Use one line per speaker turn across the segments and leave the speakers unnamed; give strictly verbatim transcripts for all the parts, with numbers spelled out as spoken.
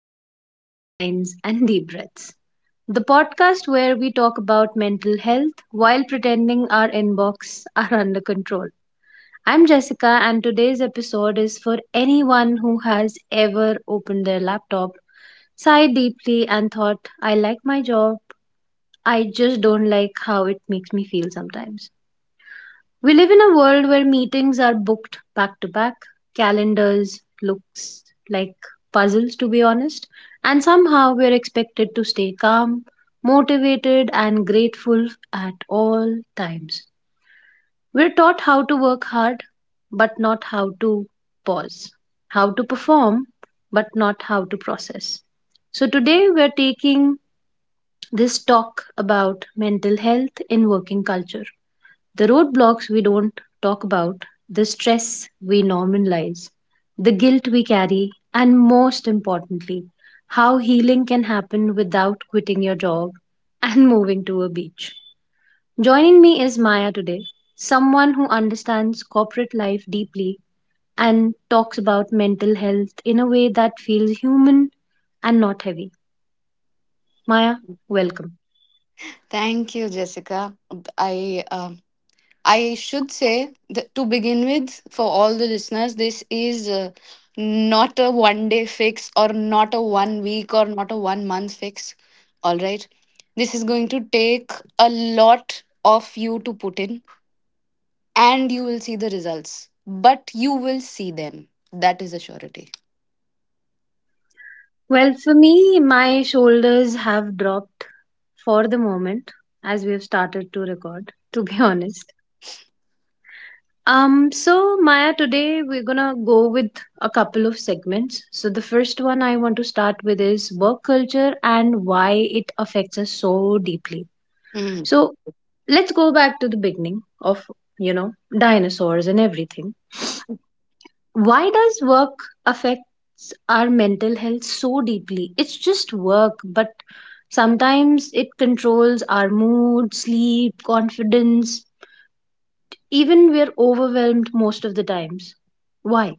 Emails, Deadlines, and Deep Breaths, the podcast where we talk about mental health while pretending our inbox are under control. I'm Jessica, and today's episode is for anyone who has ever opened their laptop, sighed deeply, and thought, I like my job, I just don't like how it makes me feel sometimes. We live in a world where meetings are booked back to back, calendars looks like puzzles to be honest, and somehow we're expected to stay calm, motivated and grateful at all times. We're taught how to work hard but not how to pause, how to perform but not how to process. So today we're taking this talk about mental health in working culture, the roadblocks we don't talk about, the stress we normalize, the guilt we carry, and most importantly, how healing can happen without quitting your job and moving to a beach. Joining me is Maya today, someone who understands corporate life deeply and talks about mental health in a way that feels human and not heavy. Maya, welcome.
Thank you, Jessica. I um I should say that to begin with, for all the listeners, this is uh, not a one day fix or not a one week or not a one month fix. All right, this is going to take a lot of you to put in, and you will see the results. But you will see them. That is a surety.
Well, for me, my shoulders have dropped for the moment as we have started to record, to be honest. Um, so Maya, today we're gonna go with a couple of segments. So the first one I want to start with is work culture and why it affects us so deeply. So let's go back to the beginning of, you know, dinosaurs and everything. Why does work affects our mental health so deeply? It's just work, but sometimes it controls our mood, sleep, confidence, even we're overwhelmed most of the times. Why?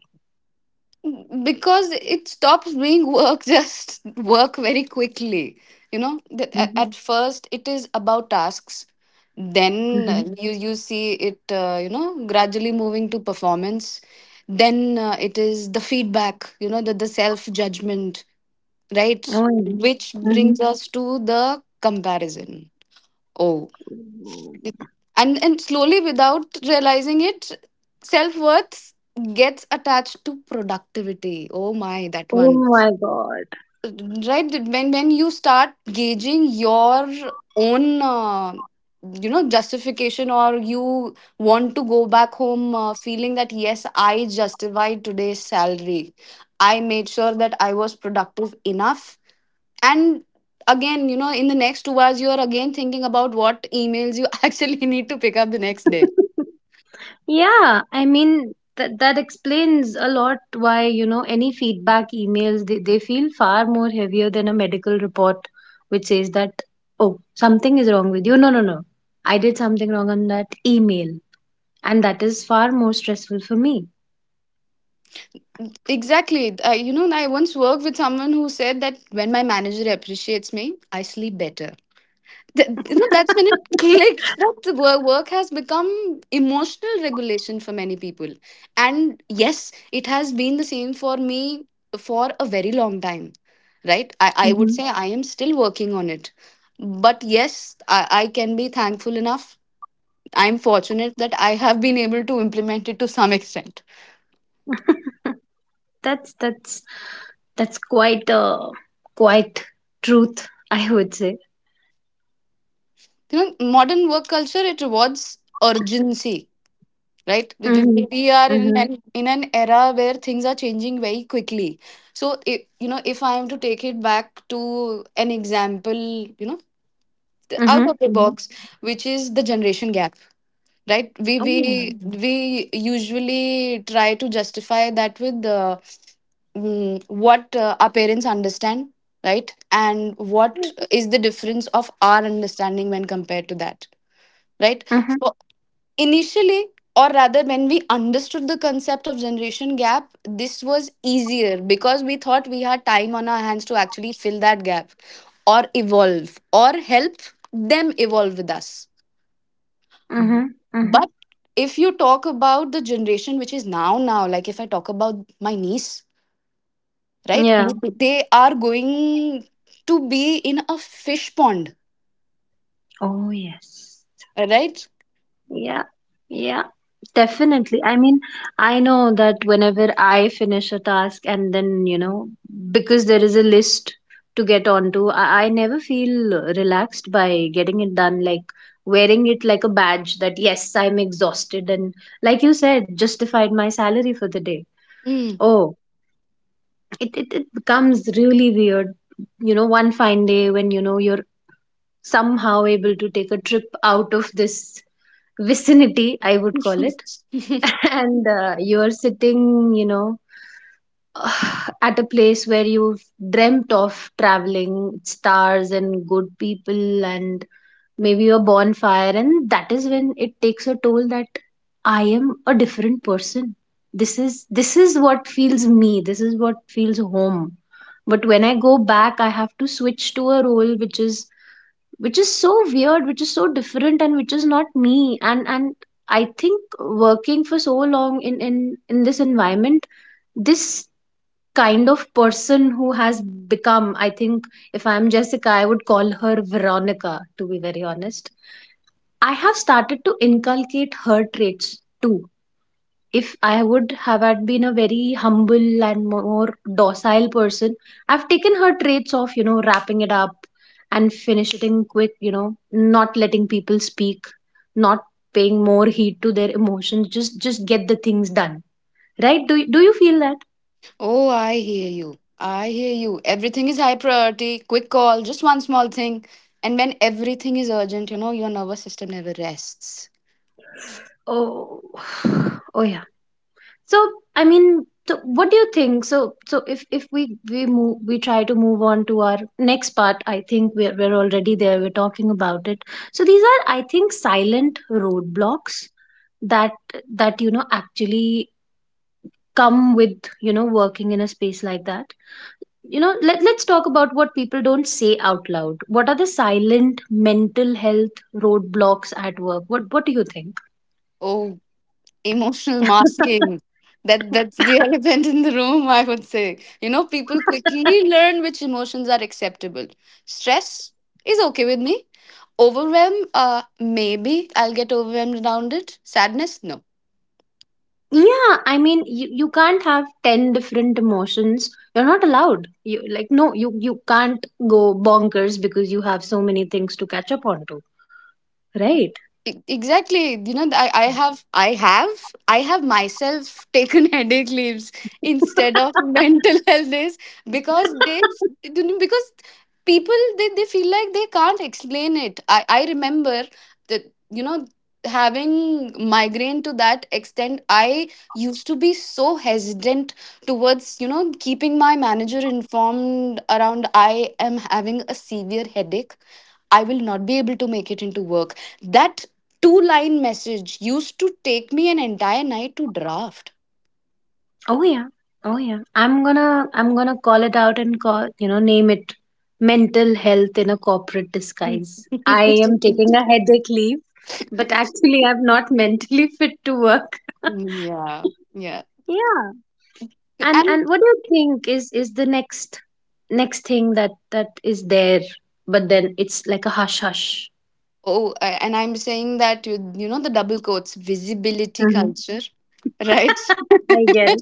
Because it stops being work just work very quickly. You know the, a-
Mm-hmm.
at first it is about tasks. Then
Mm-hmm.
uh, you you see it uh, you know, gradually moving to performance. Then uh, it is the feedback. You know the, the self judgment, right,
Oh,
which
mm-hmm.
brings us to the comparison. Oh, and and slowly, without realizing it, self worth gets attached to productivity. Oh my, that
Oh
one.
my God.
Right, when when you start gauging your own uh, you know, justification, or you want to go back home uh, feeling that yes, I justified today's salary. I made sure that I was productive enough. And again, you know, in the next two hours you are again thinking about what emails you actually need to pick up the next day.
Yeah, I mean that that explains a lot why, you know, any feedback emails they, they feel far more heavier than a medical report which says that, oh, something is wrong with you. No, no, no. I did something wrong on that email, and that is far more stressful for me.
Exactly. Uh, you know, I once worked with someone who said that when my manager appreciates me, I sleep better. Th- you know, that's when it clicked, that the wo- work has become emotional regulation for many people. And yes, it has been the same for me for a very long time. Right, i, I would
Mhm.
say I am still working on it. But yes, I, I can be thankful enough. I'm fortunate that I have been able to implement it to some extent.
That's that's that's quite a quite truth, I would say.
You know, modern work culture, it rewards urgency. Right, we
Mm-hmm.
we- we are in
Mm-hmm.
an in an era where things are changing very quickly. So if, you know if I am to take it back to an example, you know, the out
Mm-hmm.
of the
Mm-hmm.
box, which is the generation gap. Right, we we
Oh,
Mhm. we usually try to justify that with uh, mm, what uh, our parents understand, right, and what
yeah.
is the difference of our understanding when compared to that. Right.
Mhm.
Initially, or rather, when we understood the concept of generation gap, this was easier because we thought we had time on our hands to actually fill that gap, or evolve, or help them evolve with us.
Mm-hmm. Mm-hmm.
But if you talk about the generation which is now, now, like if I talk about my niece, right,
Yeah.
they are going to be in a fish pond,
Oh, yes.
right?
Yeah, yeah, definitely. I mean, I know that whenever I finish a task and then, you know, because there is a list to get onto, I, I never feel relaxed by getting it done, like wearing it like a badge that yes, I'm exhausted and like you said, justified my salary for the day.
Mm.
Oh, it, it, it becomes really weird, you know, one fine day when, you know, you're somehow able to take a trip out of this vicinity, I would call it. And uh, you are sitting, you know, at a place where you've dreamt of traveling, stars and good people, and maybe a bonfire. And that is when it takes a toll that I am a different person. This is this is what feels me. This is what feels home. But when I go back, I have to switch to a role which is which is so weird, which is so different and which is not me. And and i think working for so long in in in this environment, this kind of person who has become, I think, if I'm Jessica I would call her Veronica to be very honest. I have started to inculcate her traits too. If I would have had been a very humble and more docile person, I've taken her traits of, you know, wrapping it up and finishing quick, you know, not letting people speak, not paying more heed to their emotions, just just get the things done. Right? Do, you- do you feel that?
Oh, I hear you. I hear you. Everything is high priority, quick call, just one small thing. And when everything is urgent, you know, your nervous system never rests.
Oh, oh yeah. So, I mean, so what do you think? So, so if if we we move, we try to move on to our next part, I think we're we're already there. We're talking about it. So these are, I think, silent roadblocks that that you know actually come with, you know, working in a space like that. You know, let let's talk about what people don't say out loud. What are the silent mental health roadblocks at work? What what do you think?
Oh, emotional masking. That that's the elephant in the room, I would say. You know, people quickly learn which emotions are acceptable. Stress is okay with me. Overwhelm, uh, maybe I'll get overwhelmed around it. Sadness, no.
Yeah, I mean, you, you can't have ten different emotions. You're not allowed. You like no, you you can't go bonkers because you have so many things to catch up on to, right?
E- exactly, you know, I, I have i have i have myself taken headache leaves instead of mental illness, because they because people, they, they feel like they can't explain it. I i remember that, you know, having migraine to that extent, I used to be so hesitant towards, you know, keeping my manager informed around I am having a severe headache. I will not be able to make it into work. That two line message used to take me an entire night to draft.
Oh yeah. Oh yeah. I'm gonna I'm gonna call it out and call, you know, name it: mental health in a corporate disguise. I am taking a headache leave, but actually I'm not mentally fit to work.
Yeah, yeah.
Yeah. And and
And
what do you think is is the next next thing that that is there, but then it's like a hush hush.
oh, a- and I'm saying that you, you know, the double quotes visibility
Hmm.
culture, right?
I get it.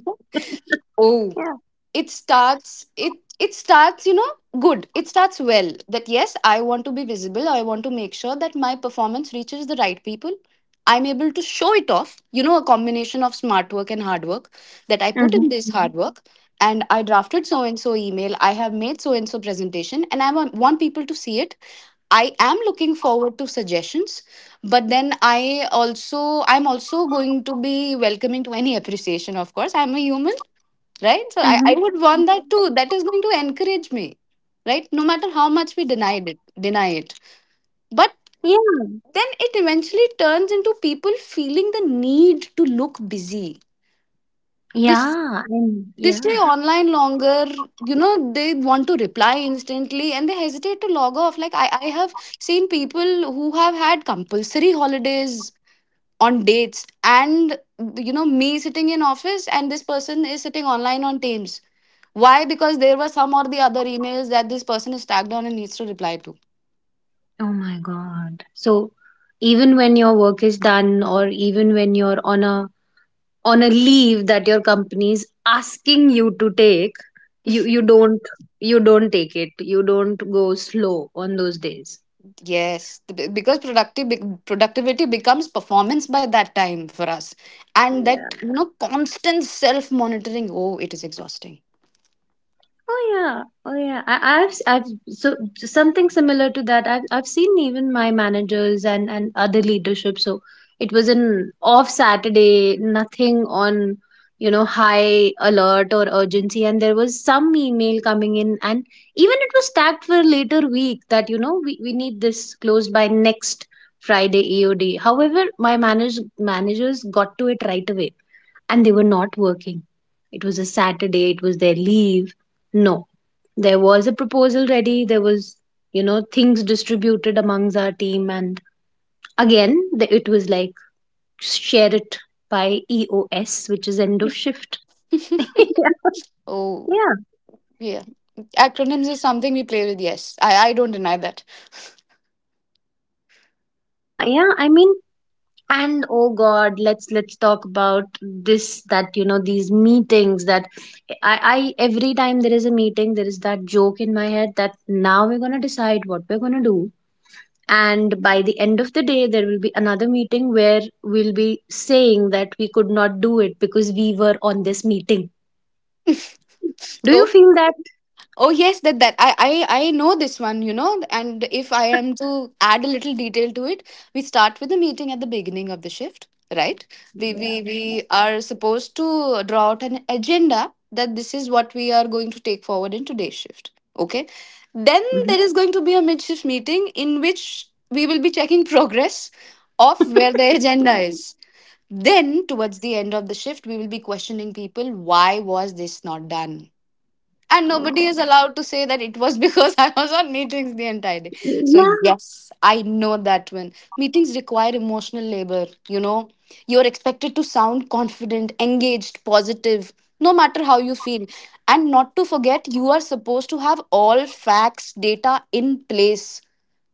Oh,
Yeah.
it starts it it starts you know good it starts well, that yes, I want to be visible. I want to make sure that my performance reaches the right people. I'm able to show it off, you know, a combination of smart work and hard work, that I put
Mm-hmm.
in this hard work, and I drafted so and so email, I have made so and so presentation, and I want want people to see it. I am looking forward to suggestions. But then I also, I'm also going to be welcoming to any appreciation. Of course, I'm a human, right? So I, I
Mm-hmm.
would want that too. That is going to encourage me, right? No matter how much we denied it, deny it. But
Yeah.
then it eventually turns into people feeling the need to look busy. They s-
Yeah. And
they
yeah.
stay online longer. You know, they want to reply instantly and they hesitate to log off. Like I, I have seen people who have had compulsory holidays on dates, and you know, me sitting in office and this person is sitting online on Teams. Why? Because there were some or the other emails that this person is tagged on and needs to reply to.
Oh my God. So even when your work is done, or even when you're on a on a leave that your company is asking you to take, you you don't, you don't take it, you don't go slow on those days.
Yes, b- because productive bec- productivity becomes performance by that time for us. And
Yeah.
that, you know, constant self monitoring, oh, it is exhausting.
Oh yeah, oh yeah. I, I've i I've so something similar to that. I've I've seen even my managers and and other leadership. So it was an off Saturday, nothing on, you know, high alert or urgency, and there was some email coming in, and even it was tagged for later week that you know we we need this closed by next Friday E O D. However, my manage managers got to it right away and they were not working. It was a Saturday, it was their leave. No, there was a proposal ready, there was, you know, things distributed amongst our team. And again, the, it was like share it by E O S, which is end of shift. Yeah,
Oh
yeah,
yeah. Acronyms is something we play with, yes, i, I don't deny that.
yeah. Yeah. I mean, and oh God, let's let's talk about this that you know these meetings that I I every time there is a meeting, there is that joke in my head that now we're gonna decide what we're gonna do. And by the end of the day there will be another meeting where we'll be saying that we could not do it because we were on this meeting. Do you feel that?
Oh yes, that that I, I I know this one, you know. And if I am to add a little detail to it, we start with the meeting at the beginning of the shift, right? We we
Yeah.
we are supposed to draw out an agenda that this is what we are going to take forward in today's shift. Okay. Then
Mhm.
there is going to be a mid shift meeting in which we will be checking progress of where the agenda is. Then towards the end of the shift, we will be questioning people, why was this not done? And
Oh
nobody
god.
is allowed to say that it was because I was on meetings the entire day. So
Yeah.
yes, I know that when meetings require emotional labor, you know, you're expected to sound confident, engaged, positive, no matter how you feel. And not to forget, you are supposed to have all facts, data in place.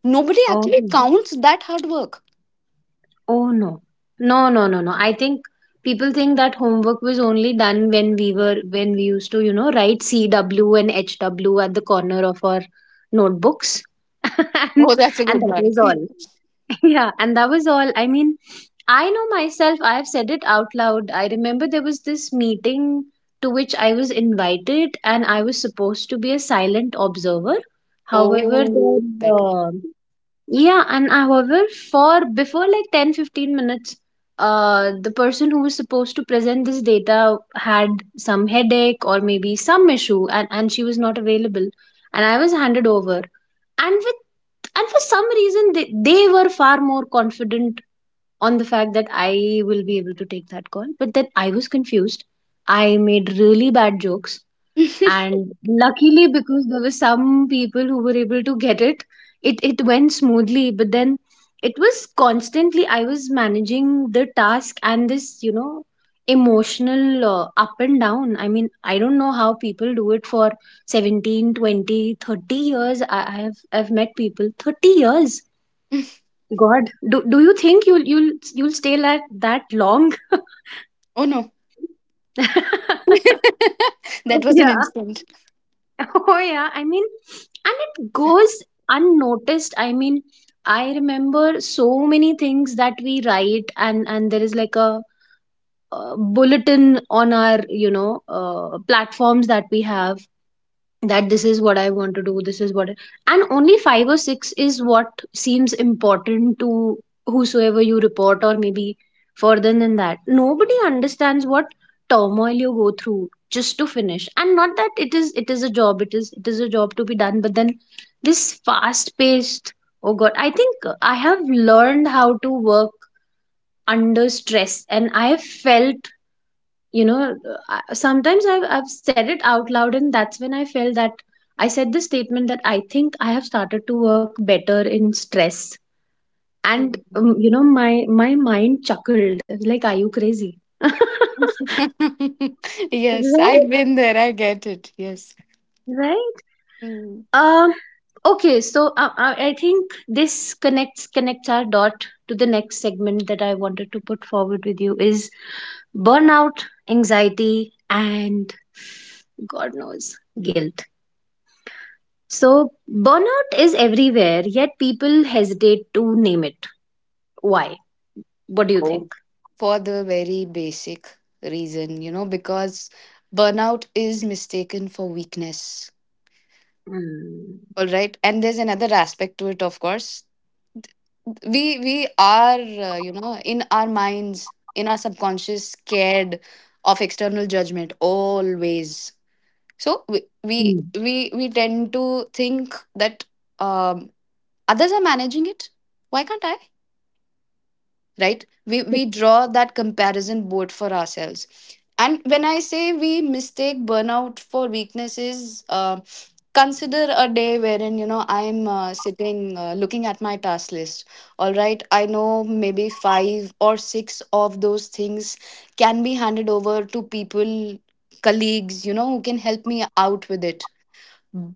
Nobody
Oh,
actually counts that hard work.
oh no no no no no. I think people think that homework was only done when we were when we used to, you know, write cw and hw at the corner of our notebooks, and
Oh, that's a
and
good
that
one.
was all. Yeah, and that was all. I mean, I know myself, I have said it out loud. I remember there was this meeting to which I was invited and I was supposed to be a silent observer. However,
Oh,
then,
that one.
uh, yeah, and however, for before like ten fifteen minutes, uh, the person who was supposed to present this data had some headache or maybe some issue, and, and she was not available. And I was handed over. And with and for some reason they, they were far more confident on the fact that I will be able to take that call. But then I was confused, I made really bad jokes, and luckily because there were some people who were able to get it, it it went smoothly. But then it was constantly I was managing the task and this, you know, emotional uh, up and down. I mean, I don't know how people do it for seventeen, twenty, thirty years. I I have i've met people thirty years. God, do, do you think you'll you'll you'll stay like that long?
Oh no, that was an
Yeah.
instant.
Oh yeah, I mean, and it goes unnoticed. I mean, I remember so many things that we write, and and there is like a, uh bulletin on our, you know, uh, platforms that we have, that this is what I want to do, this is what I- and only five or six is what seems important to whosoever you report, or maybe further than that nobody understands what turmoil you go through just to finish. And not that it is, it is a job, it is it is a job to be done, but then this fast paced, oh god, I think I have learned how to work under stress, and I have felt, you know, I- sometimes I've, I've said it out loud, and that's when I felt that I said this statement that I think I have started to work better in stress. And um, you know, my my mind chuckled like, are you crazy? Right?
Yes, I've been there. I get it. Yes.
Right.
Mm.
um okay, so uh, uh, I think this connects connects our dot to the next segment that I wanted to put forward with you is burnout, anxiety, and god knows guilt. So, burnout is everywhere, yet people hesitate to name it. Why? What do you
Oh.
think?
For the very basic reason, you know, because burnout is mistaken for weakness.
Mm.
All right. And there's another aspect to it, of course. We we are, uh, you know, in our minds, in our subconscious, scared of external judgment always. So we we
Mm.
we, we tend to think that um, others are managing it. Why can't I? Right, we we draw that comparison board for ourselves. And when I say we mistake burnout for weakness, is uh, consider a day wherein, you know, I'm uh, sitting uh, looking at my task list. All right, I know maybe five or six of those things can be handed over to people, colleagues, you know, who can help me out with it.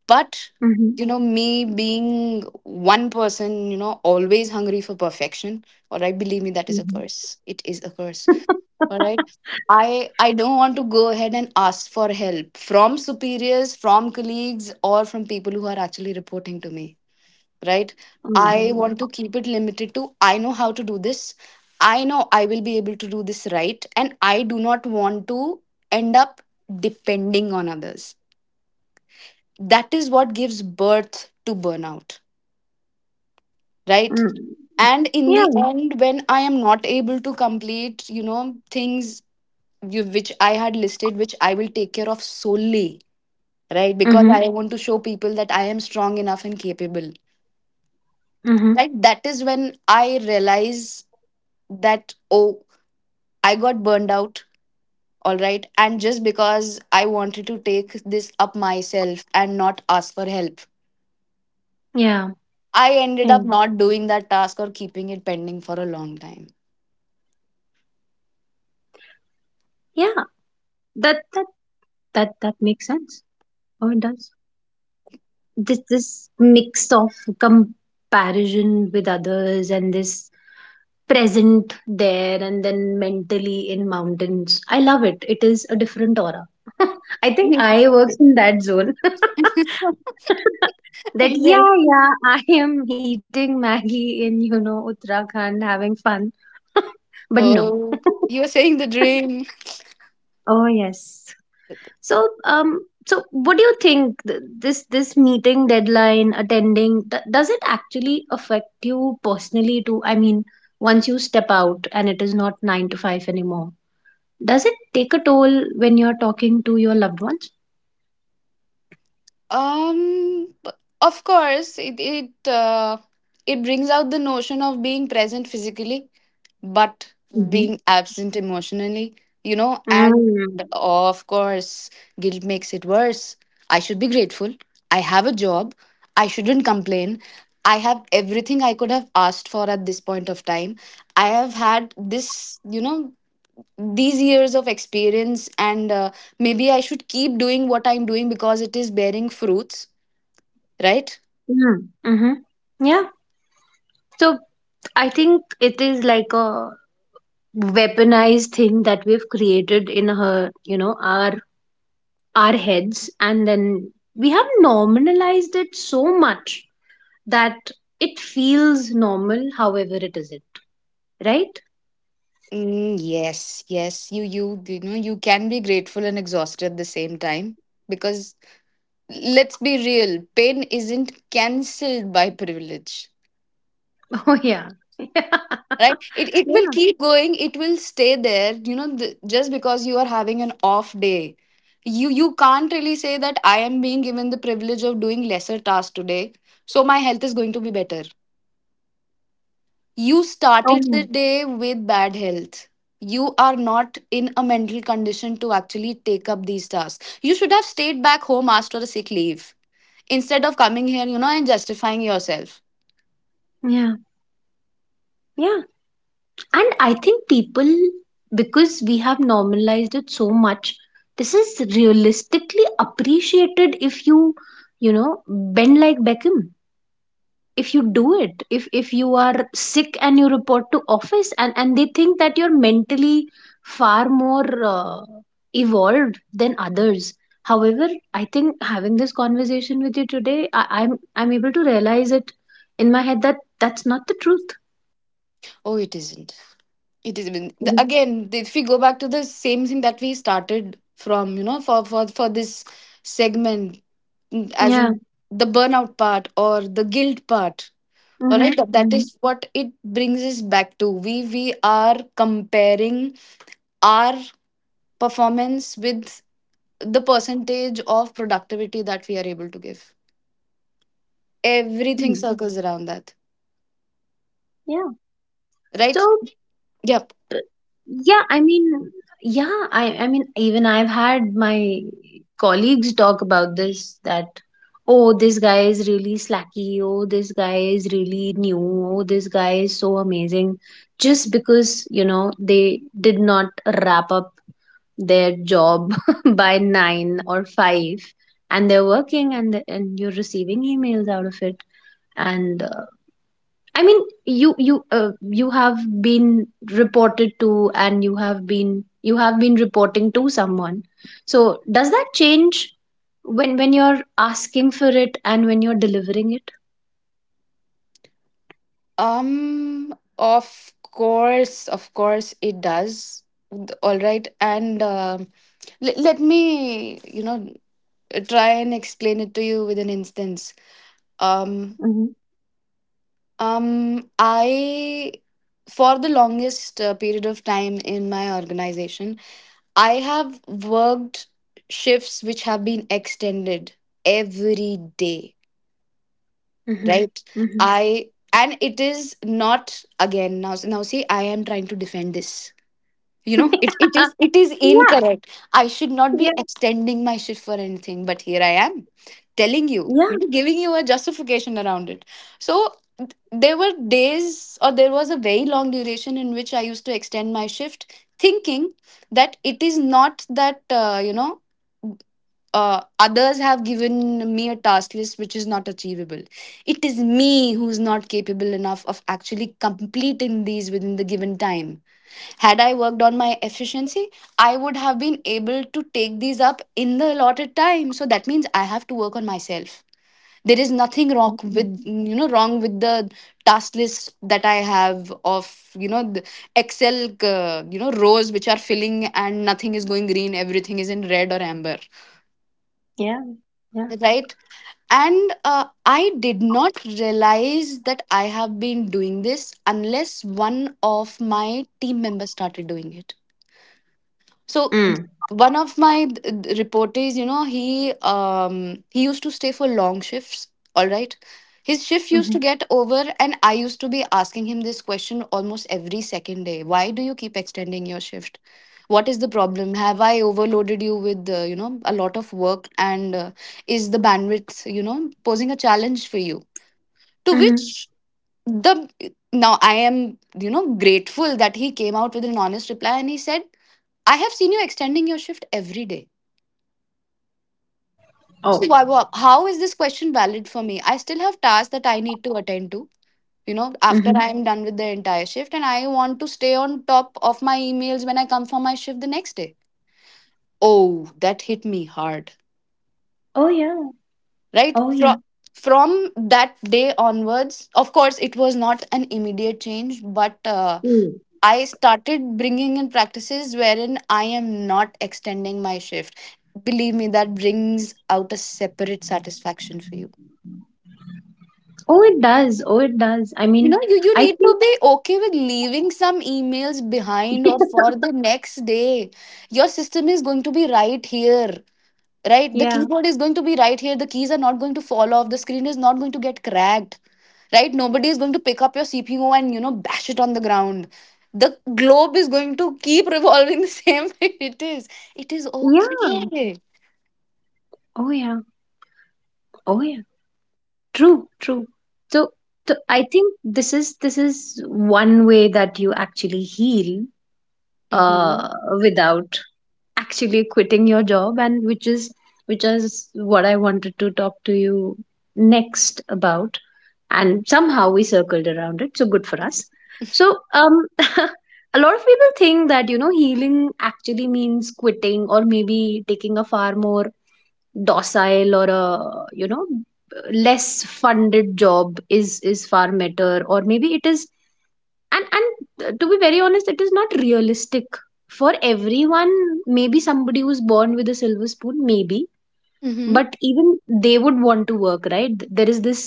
But
Mm-hmm.
you know, me being one person, you know, always hungry for perfection. All right, believe me, that is a
Mm-hmm.
curse. It is a curse. All right. I i don't want to go ahead and ask for help from superiors, from colleagues, or from people who are actually reporting to me, right? I
Mm.
want to keep it limited to, I know how to do this. I know I will be able to do this, right? And I do not want to end up depending on others. That is what gives birth to burnout, right?
Mm.
And in the
Yeah.
end, when I am not able to complete, you know, things, you, which I had listed, which I will take care of solely, right, because
Mm-hmm.
I want to show people that I am strong enough and capable,
Mm-hmm.
right, that is when I realize that, oh, I got burned out. All right, and just because I wanted to take this up myself and not ask for help,
Yeah.
I ended
Yeah.
up not doing that task or keeping it pending for a long time.
Yeah. That that that that makes sense. Oh, it does. This this mix of comparison with others and this present there and then mentally in mountains. I love it. It is a different aura. I think I works in that zone. that Yeah,
Yes.
yeah, I am eating Maggie in, you know, Uttarakhand, having fun. But no.
Oh, you were saying the dream.
Oh yes. So, um, so what do you think th- this this meeting deadline attending th- does it actually affect you personally too? I mean, once you step out and it is not nine to five anymore, does it take a toll when you're talking to your loved ones?
Um, b- of course, it it uh, it brings out the notion of being present physically, but
Mm-hmm.
being absent emotionally, you know, and
Mm.
of course, guilt makes it worse. I should be grateful. I have a job. I shouldn't complain. I have everything I could have asked for at this point of time. I have had this, you know, these years of experience, and uh, maybe I should keep doing what I'm doing because it is bearing fruits, right?
Mm. Mm-hmm. Yeah. So I think it is like a weaponized thing that we've created in her, you know, our our heads, and then we have normalized it so much that it feels normal, however it isn't, right?
Mm, yes, yes. You, you, you know, you can be grateful and exhausted at the same time because let's be real, pain isn't cancelled by privilege.
Oh, yeah. Yeah.
Right, it, it
Oh,
will
yeah.
keep going, it will stay there, you know. The, just because you are having an off day, you you can't really say that I am being given the privilege of doing lesser tasks today, so my health is going to be better. You started the
Oh,
day with bad health, you are not in a mental condition to actually take up these tasks. You should have stayed back home, asked for a sick leave instead of coming here, you know, and justifying yourself.
yeah. Yeah. And I think people, because we have normalized it so much, this is realistically appreciated if you, you know, bend like Beckham. If you do it, if if you are sick and you report to office, and and they think that you're mentally far more, uh, evolved than others. However, I think having this conversation with you today, I, i'm i'm able to realize it in my head that that's not the truth.
Oh, it isn't. It isn't. The-
Mhm.
Again, if we go back to the same thing that we started from, you know, for for for this segment. Mm, as
Yeah.
in the burnout part or the guilt part. All
Mm-hmm.
right, that, that
Mm-hmm.
is what it brings us back to. We we are comparing our performance with the percentage of productivity that we are able to give. Everything circles around that,
Yeah.
right?
So.
Yeah.
Yeah, I mean, yeah, I, I mean, even I've had my colleagues talk about this that, oh, this guy is really slacky, oh, this guy is really new, oh, this guy is so amazing, just because, you know, they did not wrap up their job by nine or five, and they're working, and and you're receiving emails out of it, and uh, I mean, you you uh, you have been reported to, and you have been you have been reporting to someone. So does that change when when you're asking for it and when you're delivering it?
Um, of course, of course, it does. All right, and um let, let me, you know, try and explain it to you with an instance.
Mm-hmm.
Um, um, I, for the longest uh, period of time in my organization, I have worked shifts which have been extended every day,
Mm-hmm.
right?
Mm-hmm.
I and it is not, again, now now see, I am trying to defend this. You know, it, it is it is
Yeah.
incorrect. I should
Yeah.
not be extending my shift for anything, but here I am telling you,
Yeah.
you know, giving you a justification around it. So there were days, or there was a very long duration in which I used to extend my shift, thinking that it is not that uh, you know, uh, others have given me a task list which is not achievable. It is me who's not capable enough of actually completing these within the given time. Had I worked on my efficiency, I would have been able to take these up in the allotted time. So that means I have to work on myself. There is nothing wrong with, you know, wrong with the task list that I have of, you know, the Excel uh, you know, rows which are filling and nothing is going green, everything is in red or amber,
Yeah. Yeah.
right? And uh, I did not realize that I have been doing this unless one of my team members started doing it. So
Mm.
one of my th- reporters, you know, he, um he used to stay for long shifts, all right. His shift used
Mm-hmm.
to get over and I used to be asking him this question almost every second day, why do you keep extending your shift? What is the problem? Have I overloaded you with uh, you know, a lot of work? And uh, is the bandwidth, you know, posing a challenge for you? To
Mm-hmm.
which the now I am, you know, grateful that he came out with an honest reply, and he said, I have seen you extending your shift every day. So
Oh.
why, why- how is this question valid for me? I still have tasks that I need to attend to. You know, after
Mm-hmm.
I am done with the entire shift, and I want to stay on top of my emails when I come for my shift the next day. Oh, that hit me hard.
Oh yeah.
Right?
Oh
From
yeah.
from that day onwards, of course, it was not an immediate change, but uh,
Mm.
I started bringing in practices wherein I am not extending my shift. Believe me, that brings out a separate satisfaction for you.
Oh, it does. Oh, it does. I
You
mean,
know, you, you
I
need
think.
to be okay with leaving some emails behind or for the next day. Your system is going to be right here, right? The
Yeah.
keyboard is going to be right here. The keys are not going to fall off. The screen is not going to get cracked, right? Nobody is going to pick up your CPU and, you know, bash it on the ground. The globe is going to keep revolving the same way, it is, it is
Yeah.
okay.
Oh yeah. Oh yeah. True, true. So, so I think this is this is one way that you actually heal,
Mm-hmm.
uh, without actually quitting your job, and which is which is what I wanted to talk to you next about. And somehow we circled around it, so good for us. So, um, a lot of people think that, you know, healing actually means quitting, or maybe taking a far more docile or, a you know, less funded job is is far better, or maybe it is, and and to be very honest, it is not realistic for everyone. Maybe somebody who's born with a silver spoon, maybe,
Mm-hmm.
but even they would want to work, right? There is this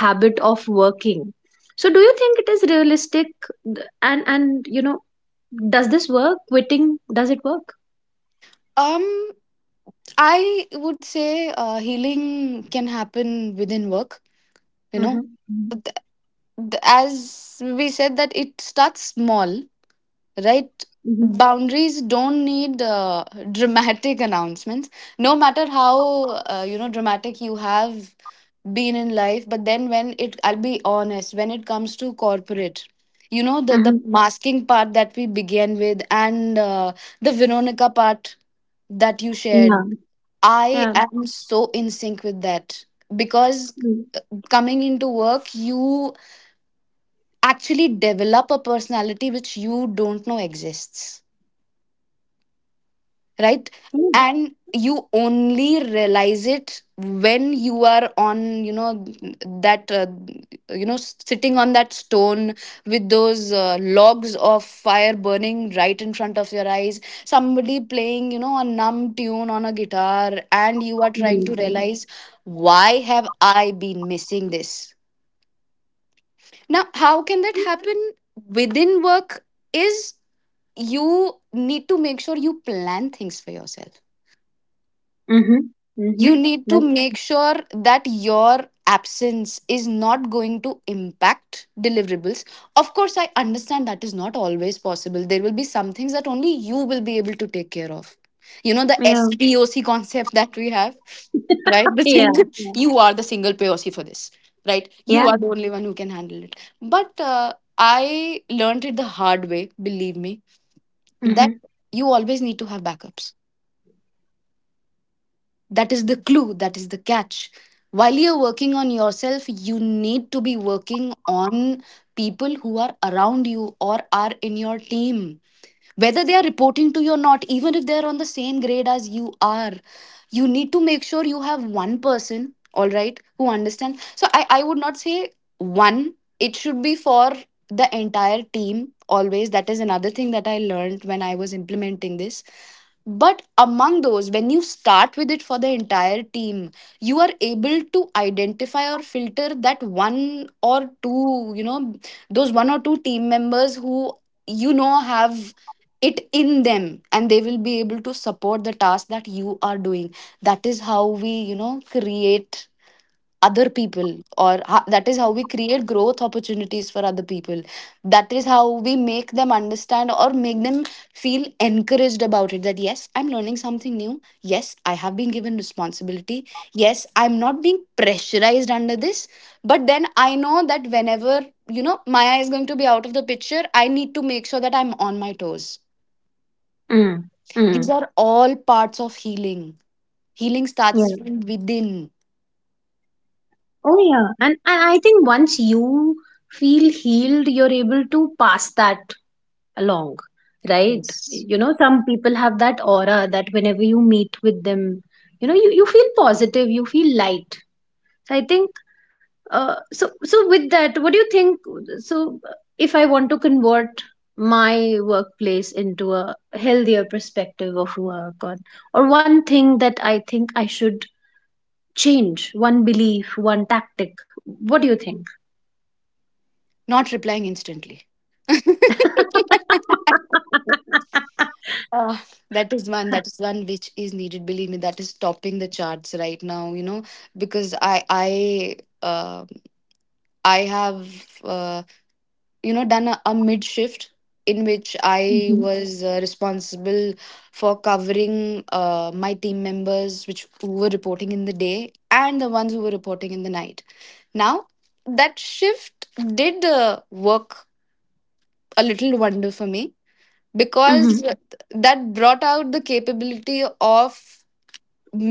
habit of working. So do you think it is realistic, and and you know, does this work, quitting, does it work?
Um, I would say uh, healing can happen within work. You know,
Mm-hmm.
Th- th- as we said, that it starts small, right?
Mm-hmm.
Boundaries don't need uh, dramatic announcements. No matter how uh, you know, dramatic you have been in life, but then, when it, I'll be honest, when it comes to corporate, you know, the the masking part that we began with, and uh, the Veronica part that you shared,
Mm-hmm.
I
Yeah,
am so in sync with that, because
yeah.
coming into work, you actually develop a personality which you don't know exists, right?
Mm.
And you only realize it when you are on, you know, that uh, you know, sitting on that stone with those uh, logs of fire burning right in front of your eyes, somebody playing, you know, a numb tune on a guitar, and you are trying to realize, why have I been missing this? Now, how can that happen within work is, you need to make sure you plan things for yourself.
Mhm.
You
Mhm.
need to
That
make sure that your absence is not going to impact deliverables. Of course, I understand that is not always possible. There will be some things that only you will be able to take care of, you know, the
yeah.
spock concept that we have, right? The
Yeah.
single
Yeah.
you are the single POC for this, right?
Yeah.
You are the only one who can handle it. But uh, I learned it the hard way, believe me, that
Mhm.
you always need to have backups. That is the clue, that is the catch. While you're working on yourself, you need to be working on people who are around you or are in your team, whether they are reporting to you or not. Even if they're on the same grade as you are, you need to make sure you have one person, all right, who understands. So i i would not say one, it should be for the entire team always. That is another thing that I learned when I was implementing this. But among those, when you start with it for the entire team, you are able to identify or filter that one or two, you know, those one or two team members who, you know, have it in them, and they will be able to support the task that you are doing. That is how we, you know, create other people, or ho- that is how we create growth opportunities for other people. That is how we make them understand or make them feel encouraged about it, that yes, I'm learning something new, yes, I have been given responsibility, yes, I'm not being pressurized under this, but then I know that whenever, you know, Maya is going to be out of the picture, I need to make sure that I'm on my toes.
Mm.
These
Mm.
are all parts of healing. Healing starts
Yeah.
from within.
Oh yeah. And and I think once you feel healed, you're able to pass that along, right?
Yes.
You know, some people have that aura that whenever you meet with them, you know, you, you feel positive, you feel light. So I think. Uh, so so with that, what do you think? So if I want to convert my workplace into a healthier perspective of work, or, or one thing that I think I should change, one belief, one tactic, what do you think?
Not replying instantly.
Mm-hmm.
Ah, that is one. That is one which is needed. Believe me, that is topping the charts right now. You know, because I I uh, I have uh, you know, done a, a mid shift in which I was uh, responsible for covering uh, my team members, which who were reporting in the day, and the ones who were reporting in the night. Now, that shift did uh, work a little wonder for me, because
Mm-hmm.
yeah, that brought out the capability of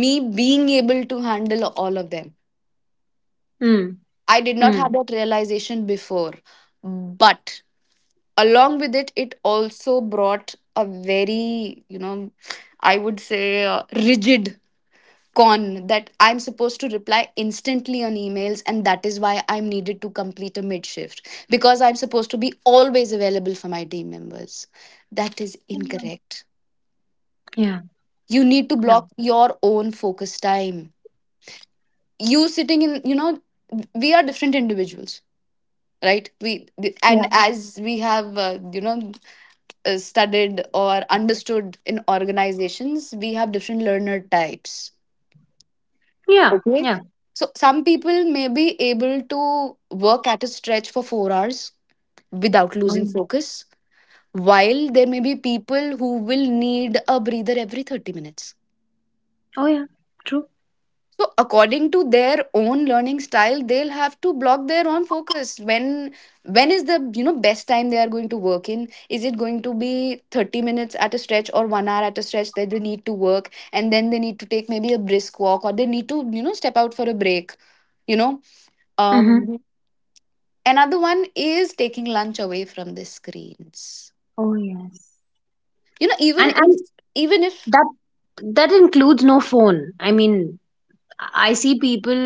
me being able to handle all of them.
Mm.
I did not
Mm.
have that realization before, but along with it, it also brought a very, you know, I would say, uh, rigid con that I'm supposed to reply instantly on emails, and that is why I'm needed to complete a mid shift, because I'm supposed to be always available for my team members. That is incorrect.
Yeah,
You need to
yeah,
block your own focus time. You sitting in, you know, we are different individuals, right? we
yeah,
and as we have, uh, you know, uh, studied or understood in organizations, we have different learner types.
yeah,
Okay.
yeah.
So some people may be able to work at a stretch for four hours without
Oh yeah,
losing focus, while there may be people who will need a breather every thirty minutes.
oh, yeah. True.
So according to their own learning style, they'll have to block their own focus. When when is the, you know, best time they are going to work in? Is it going to be thirty minutes at a stretch or one hour at a stretch that they need to work, and then they need to take maybe a brisk walk, or they need to, you know, step out for a break, you know?
Mm-hmm.
um Another one is taking lunch away from the screens.
Oh yes.
You know, even
and
if,
and
even if
that that includes no phone. I mean, I see people,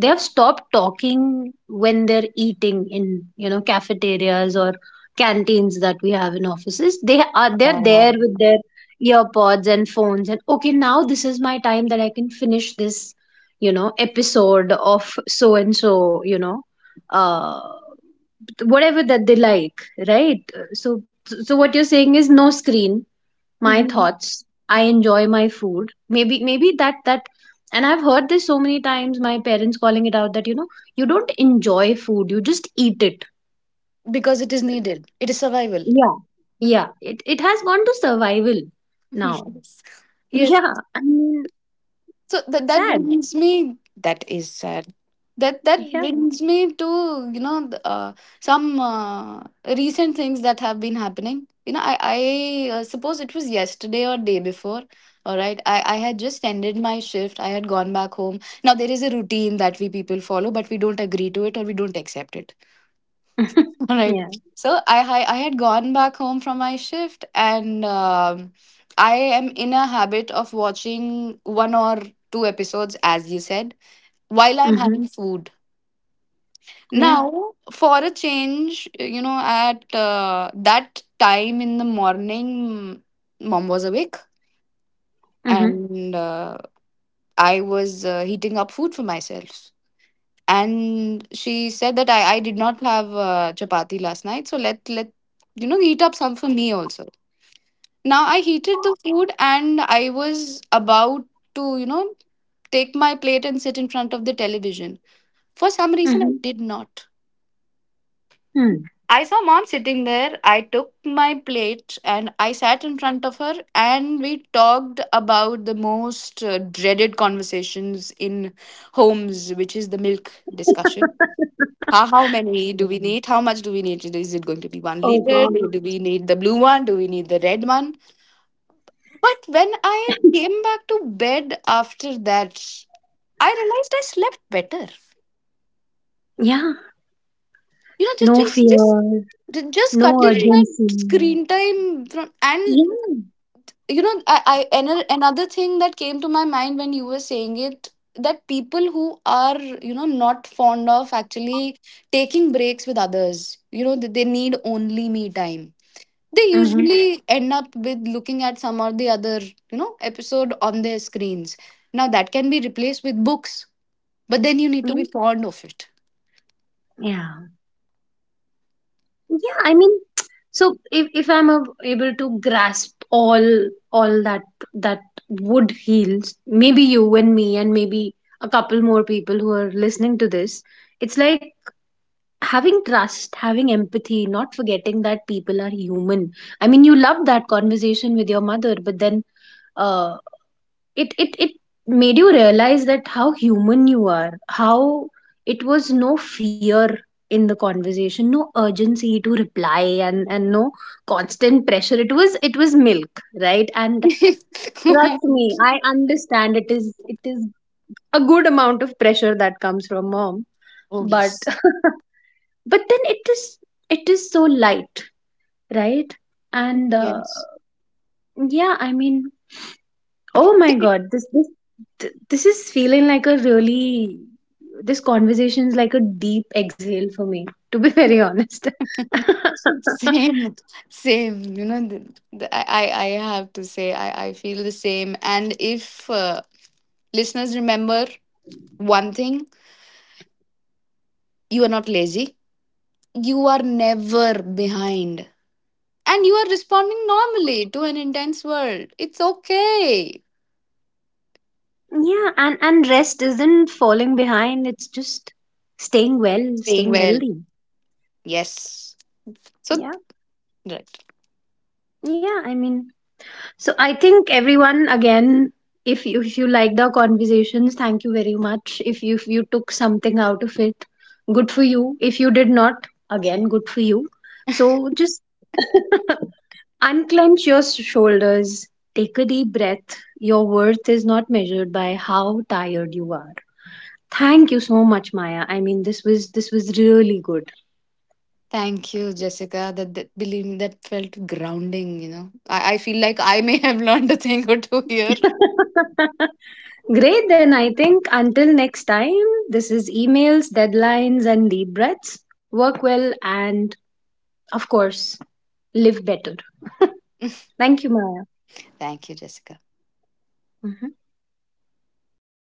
they have stopped talking when they're eating in, you know, cafeterias or canteens that we have in offices. They are they're there
um,
with their earpods and phones, and okay, now this is my time that I can finish this, you know, episode of so and so, you know, uh whatever that they like, right? So so what you're saying is no screen, my
Mhm.
thoughts, I enjoy my food. Maybe maybe that that. And I've heard this so many times, my parents calling it out, that you know, you don't enjoy food, you just eat it.
Because it is needed, it is survival.
Yeah. Yeah, it, it has gone to survival now.
Yes. Yes,
Yeah, I mean,
so that, that
sad.
brings me, that is sad. That that
Yeah.
brings me to, you know, th- uh, some uh, recent things that have been happening. You know, i i uh, suppose it was yesterday or day before, all right. I i had just ended my shift, I had gone back home. Now, there is a routine that we people follow, but we don't agree to it, or we don't accept it. All right.
Yeah.
So I, I I had gone back home from my shift, and um, I am in a habit of watching one or two episodes, as you said, while I'm having
Mm-hmm.
food.
Yeah.
Now, for a change, you know, at uh, that time in the morning, mom was awake,
Mm-hmm.
and uh, I was uh, heating up food for myself. And she said that I, I did not have uh, chapati last night, so let let, you know, heat up some for me also. Now I heated the food and I was about to, you know, take my plate and sit in front of the television. For some reason, I
Mm-hmm.
did not.
Hmm.
I saw mom sitting there. I took my plate and I sat in front of her, and we talked about the most uh, dreaded conversations in homes, which is the milk discussion. How, how many do we
Mm.
need? How much do we need? Is it going to be one
Oh
liter?
God.
Do, do we need the blue one? Do we need the red one? But when I came back to bed after that, I realized I slept better.
Yeah.
You know,
No
just just
fear,
just ju- just
no
cutting, right, my
urgency.
screen time from, and
Yeah.
you know, I, I ano- another thing that came to my mind when you were saying it, that people who are, you know, not fond of actually taking breaks with others, you know, that they need only me time, they
Mm-hmm.
usually end up with looking at some or the other, you know, episode on their screens. Now that can be replaced with books, but then you need to
Yeah,
be fond of it.
yeah, yeah, I mean, so if, if I'm a, able to grasp all all that, that would heals maybe you and me and maybe a couple more people who are listening to this. It's like having trust, having empathy, not forgetting that people are human. I mean, you love that conversation with your mother, but then, uh, it it it made you realize that how human you are, how it was no fear in the conversation, no urgency to reply, and and no constant pressure. It was, it was milk, right? And trust me, I understand, it is it is a good amount of pressure that comes from mom.
Oh
But
yes.
but then it is it is so light, right? And uh,
Yes.
yeah, I mean, oh my God, this this th- this is feeling like a really, this conversation is like a deep exhale for me, to be very honest.
Same. Same. You know, the, the, I, I I have to say, I, I feel the same. And if uh, listeners remember one thing, you are not lazy, you are never behind. And you are responding normally to an intense world. It's okay.
Yeah, and and rest isn't falling behind, it's just staying well,
Staying
staying
well.
healthy.
Yes. So,
Yeah.
right.
Yeah, I mean, so I think everyone again, if you if you liked our conversations, thank you very much. If you if you took something out of it, good for you. If you did not, again, good for you. So just unclench your s- shoulders, take a deep breath. Your worth is not measured by how tired you are. Thank you so much, Maya. I mean, this was this was really good.
Thank you, Jessica. That, that, believe me, that felt grounding. You know, I, I feel like I may have learned a thing or two here.
Great, then I think until next time, this is emails, deadlines, and deep breaths. Work well and, of course, live better. Thank you, Maya.
Thank you, Jessica.
Mhm.